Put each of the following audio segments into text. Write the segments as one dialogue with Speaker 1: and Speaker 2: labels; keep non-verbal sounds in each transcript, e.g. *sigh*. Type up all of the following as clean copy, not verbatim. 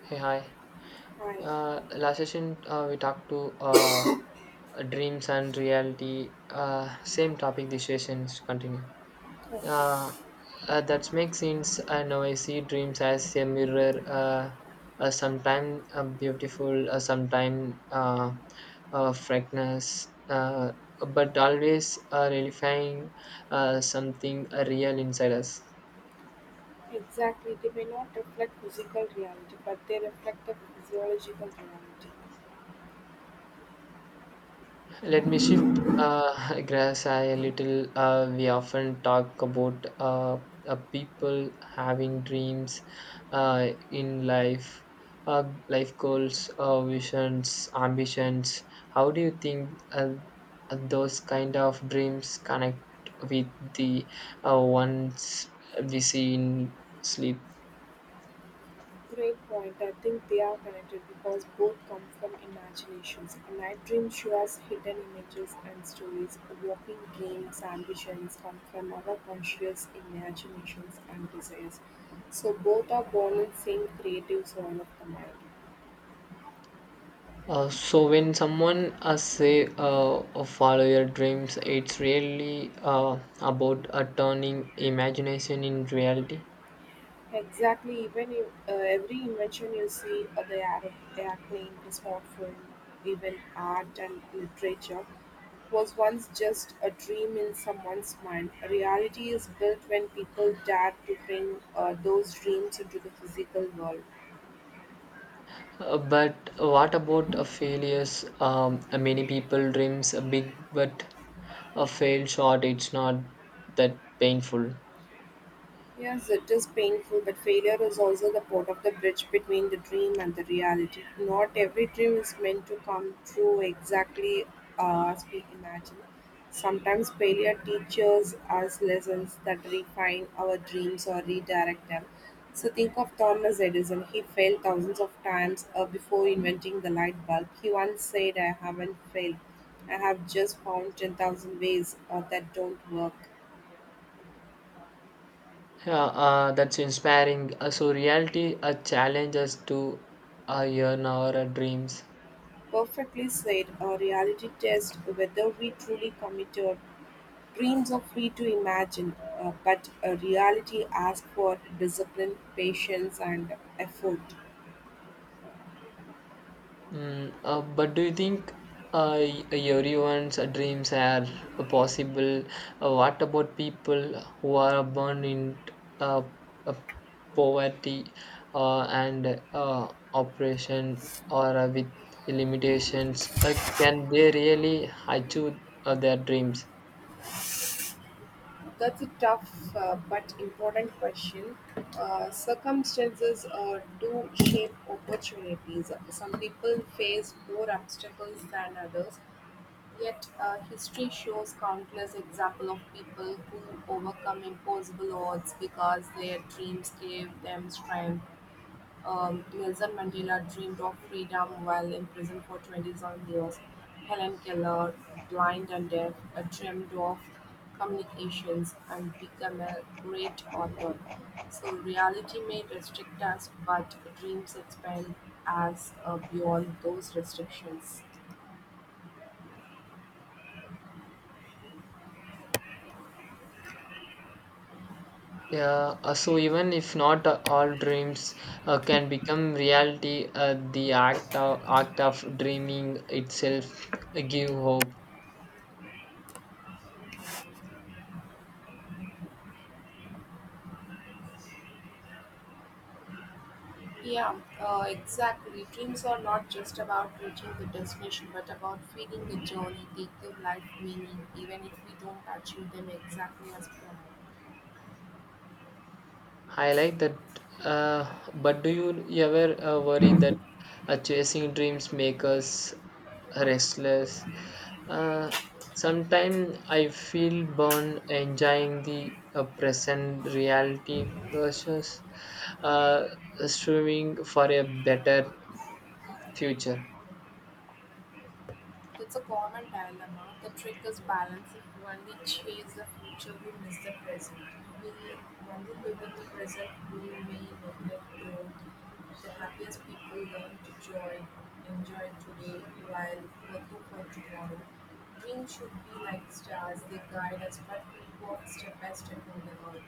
Speaker 1: Hey, hi.
Speaker 2: Right,
Speaker 1: Last session we talked to dreams and reality. Same topic. This session is to continue. Uh, that makes sense. I know I see dreams as a mirror. Sometime beautiful, sometime frankness, but always relifying something real inside us.
Speaker 2: exactly. They may not reflect physical reality, but they reflect the physiological reality.
Speaker 1: Let me shift *laughs* grass a little. We often talk about people having dreams in life, uh, life goals, visions, ambitions. How do you think those kind of dreams connect with the ones we see in sleep?
Speaker 2: Great point. I think they are connected because both come from imaginations. A night dream shows hidden images and stories. Walking dreams, ambitions come from our conscious imaginations and desires. So both are born in same creative soil of the mind.
Speaker 1: So when someone say follow your dreams, it's really about turning imagination in reality.
Speaker 2: Exactly. Even if, Every invention you see, the airplane, the smartphone, even art and literature, was once just a dream in someone's mind. Reality is built when people dare to bring those dreams into the physical world.
Speaker 1: But what about failures? Many people dreams are big, but a fail short. It's not that painful.
Speaker 2: Yes, it is painful, but failure is also the part of the bridge between the dream and the reality. Not every dream is meant to come true exactly as we imagine. Sometimes failure teaches us lessons that refine our dreams or redirect them. So think of Thomas Edison. He failed thousands of times before inventing the light bulb. He once said, I haven't failed. I have just found 10,000 ways that don't work.
Speaker 1: Yeah, that's inspiring. So reality challenges to yearn our dreams.
Speaker 2: Perfectly said, a reality test whether we truly commit our dreams are free to imagine, but a reality asks for discipline, patience, and effort.
Speaker 1: Mm, but do you think everyone's dreams are possible? What about people who are born in uh, uh, poverty and oppression or with limitations? Can they really achieve their dreams?
Speaker 2: That's a tough but important question. Circumstances do shape opportunities. Some people face more obstacles than others. Yet, history shows countless examples of people who overcome impossible odds because their dreams gave them strength. Nelson Mandela dreamed of freedom while in prison for 27 years. Helen Keller, blind and deaf, dreamed of communications and became a great author. So, reality may restrict us, but dreams expand us beyond those restrictions.
Speaker 1: Yeah, so even if not all dreams can become reality, the act of dreaming itself give hope.
Speaker 2: Yeah, exactly. Dreams are not just about reaching the destination, but about feeling the journey, they give life meaning, even if we don't achieve them exactly as planned.
Speaker 1: I like that. But do you ever worry that chasing dreams make us restless? Uh, Sometimes I feel born enjoying the present reality versus uh, striving for a better future.
Speaker 2: That's a common dilemma. The trick is balancing. If only chase the future, we miss the present. We only live in the present, we may neglect growth. The happiest people learn to joy, enjoy today while working for tomorrow. Dreams should be like stars, they guide us, but we walk step by step on the road.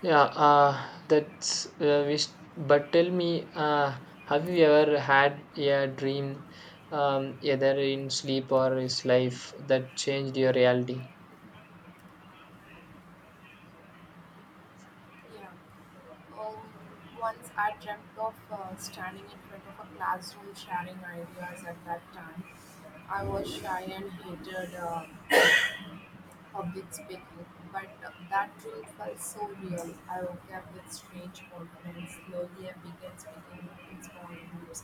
Speaker 1: Yeah, that's wish. But tell me, have you ever had a dream, either in sleep or is life, that changed your reality?
Speaker 2: Yeah. Um, Once I dreamt of standing in front of a classroom sharing ideas at that time. I was shy and hated public speaking, but that dream felt so real. I woke up with strange confidence. Slowly, I began speaking in small groups,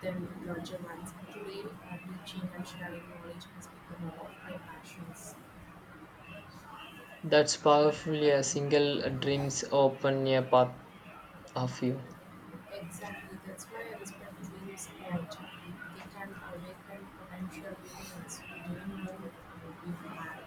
Speaker 2: then in larger ones. Today, I teaching and sharing knowledge has become one of my passions.
Speaker 1: That's powerfully a single dreams open a path of you.
Speaker 2: Exactly, that's why I respect being smart. They can awaken potential beings who didn't know we had.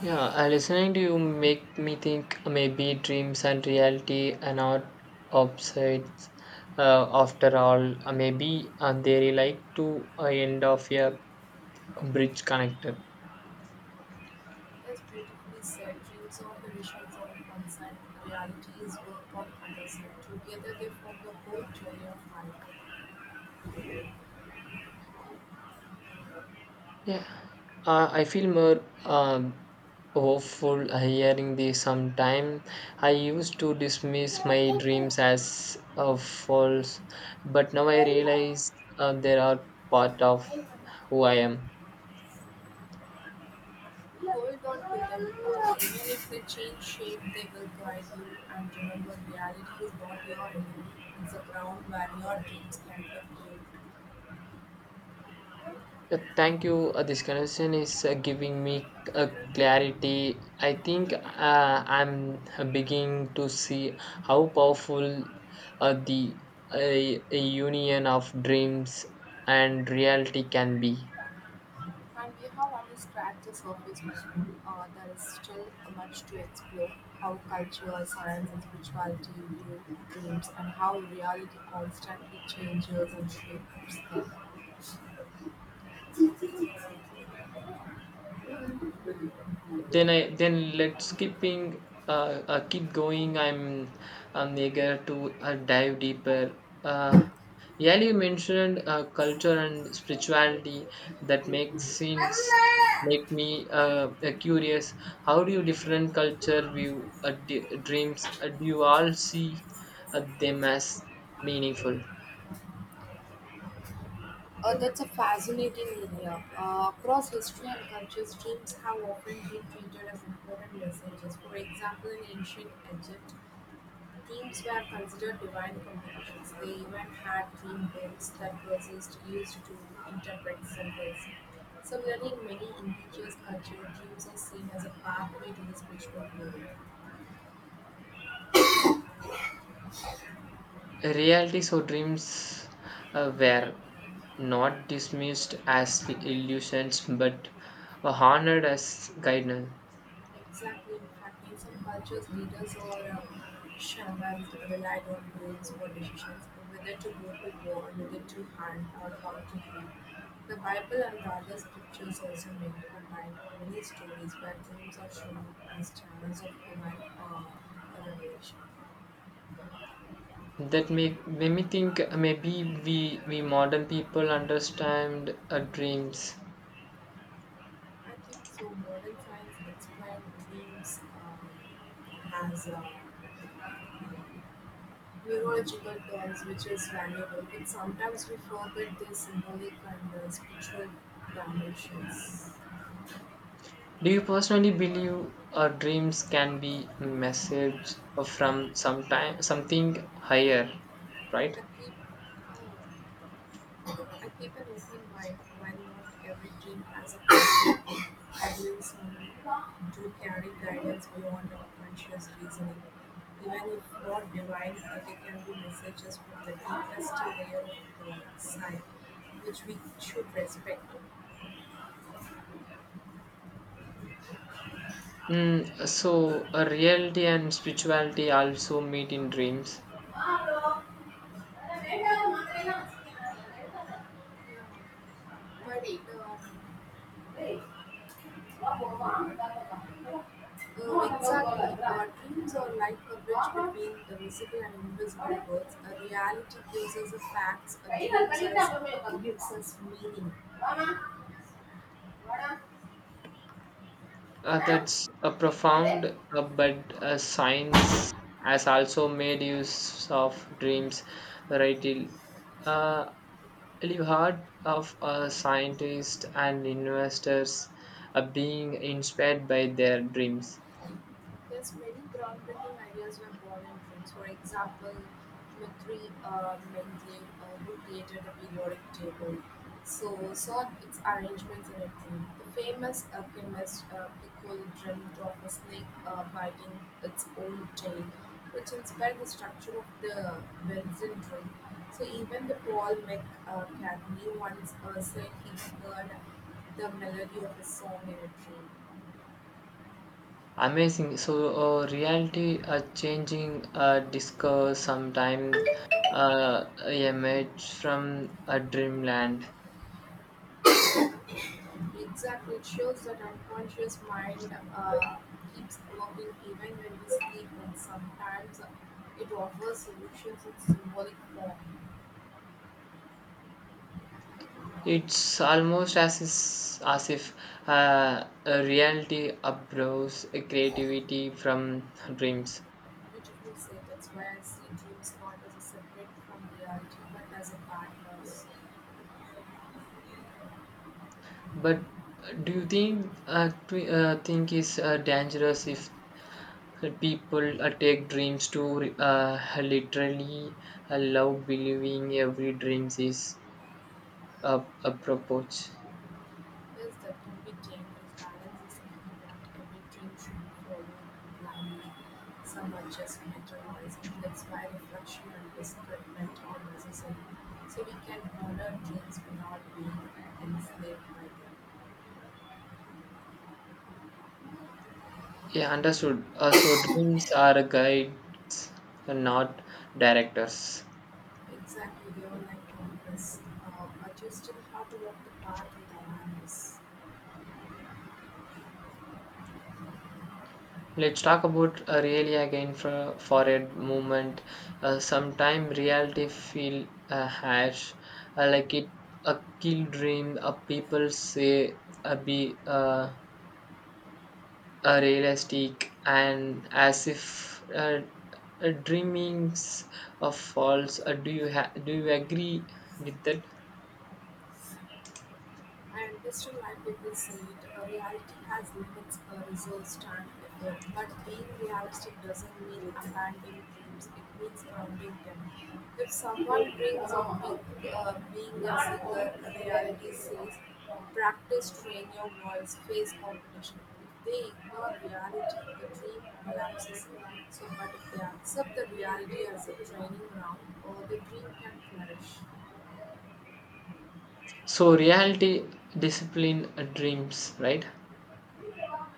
Speaker 1: Yeah, listening to you make me think maybe dreams and reality are not opposites. After all, maybe they relate to a end of a bridge connected.
Speaker 2: It's beautifully said. Dreams are visions on one side, realities work on other side. Together they form the whole journey of life.
Speaker 1: Yeah, I feel more hopeful hearing this. Sometime I used to dismiss my dreams
Speaker 2: Hold
Speaker 1: as false, but now I realize they are part of who I am.
Speaker 2: on to them close. Even if they change shape, they will guide you. And remember, reality is not your enemy. It's the ground where your dreams can be built.
Speaker 1: Yeah, thank you. This conversation is giving me uh, clarity. I think I'm beginning to see how powerful the uh, a union of dreams and reality can be.
Speaker 2: And we have only scratched the surface, there is still much to explore how culture, science, and spirituality view dreams, and how reality constantly changes and shapes them.
Speaker 1: Then let's keeping keep going. I'm eager to dive deeper. Uh, yeah, you mentioned culture and spirituality that makes sense make me curious. How do you different culture view dreams? Do you all see them as meaningful?
Speaker 2: That's a fascinating area. Across history and cultures, dreams have often been treated as important messages. For example, in ancient Egypt, teams were considered divine communities. They even had theme books that poets used to interpret symbols. Similarly, in many indigenous cultures, dreams are seen as a pathway to the spiritual world.
Speaker 1: Reality so dreams were not dismissed as illusions but were honored as guidance.
Speaker 2: Exactly. In fact, in some cultures, leaders or shamans relied on rules for decisions whether to go to war, whether to hunt, or how to heal. The Bible and other scriptures also make combine many stories where dreams are shown as channels of divine revelation.
Speaker 1: Made me think maybe we modern people understand our dreams.
Speaker 2: I think so. Modern science explains dreams as neurological tools, which is valuable, but sometimes we forget their symbolic and spiritual dimensions.
Speaker 1: Do you personally believe our dreams can be message from sometime, something higher, right?
Speaker 2: I keep, uh, I keep an open mind while not every dream has a *coughs* concept. Ideals do carry guidance beyond our conscious reasoning. Even if not divine, but they can be messages from the deepest layer of the side, which we should respect.
Speaker 1: Mm, so, reality and spirituality also meet in dreams.
Speaker 2: Potato. Exactly. Our dreams are like a bridge between the visible and invisible worlds. A reality gives us the facts, a dream just gives us meaning.
Speaker 1: That's a profound,
Speaker 2: Thank you.
Speaker 1: but science has also made use of dreams, right? Uh, you heard of scientists and investors being inspired by their dreams.
Speaker 2: Yes, many groundbreaking ideas were born in films. For example, Mitri Mendeleev, who created the periodic table, so saw its arrangements in a dream. The famous alchemist Piccolo dreamed of a snake biting its own tail, which inspired the structure of the Benson dream. So even the Paul McCartney once said he heard the melody of a song in a dream.
Speaker 1: Amazing. So, reality changing discourse sometime a image from a dreamland.
Speaker 2: Exactly, it shows that unconscious mind keeps working even when we sleep, and sometimes it offers solutions in symbolic form.
Speaker 1: It's almost as if a reality uproars creativity from dreams.
Speaker 2: Beautifully said. That's why I see dreams not as a separate from reality, but as a partners.
Speaker 1: But do you think think is dangerous if people take dreams to literally allow believing every dreams is a approach?
Speaker 2: Yes, that can be trained with balance is something that every team should follow blindly. Some adjustment or noise, and that's why reflection and discernment are necessary. So we can honor dreams without being enslaved by them.
Speaker 1: Yeah, understood. So dreams are guides, not directors.
Speaker 2: Exactly, they were like compass, adjusting how to walk the path with awareness.
Speaker 1: Let's talk about really again for a moment. Sometime reality feel harsh, like it a kill dream. People say be realistic and as if dreamings of false. Do you agree with that?
Speaker 2: And Western white people say it, reality has limits, results stand alone. But being realistic doesn't mean abandoning dreams, it means grounding them. If someone dreams of being a singer, reality says, practice, train your voice, face competition. If they ignore reality, the dream collapses. So, but if they accept the reality as a training ground, the dream can flourish.
Speaker 1: So reality discipline dreams, right?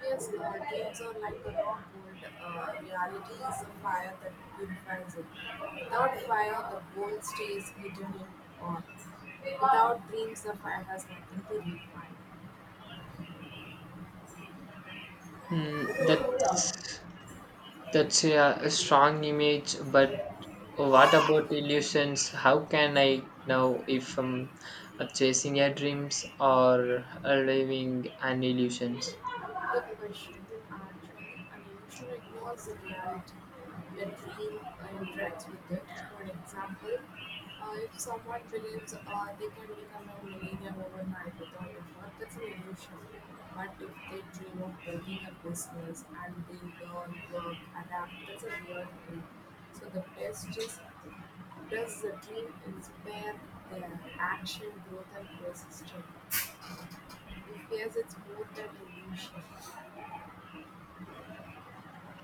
Speaker 2: Yes, games are like a raw gold. Reality is a fire that purifies it. Without fire, the gold stays hidden in earth. Without dreams, the fire has nothing to refine.
Speaker 1: Mm, that's a strong image, but what about illusions? How can I know if I'm chasing a dreams or living an illusions?
Speaker 2: The question and unusual involves a reality. Your dream interacts with it. For example, if someone believes they can become a millionaire overnight without effort, that's an illusion. But if they dream of building a business and they learn, work, adapt, that's a real dream. So the test is does the dream inspire their action, growth, and persistence? If yes, it's more than illusion.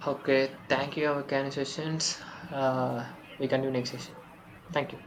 Speaker 1: Okay, thank you, our sessions. Uh, we continue next session. Thank you.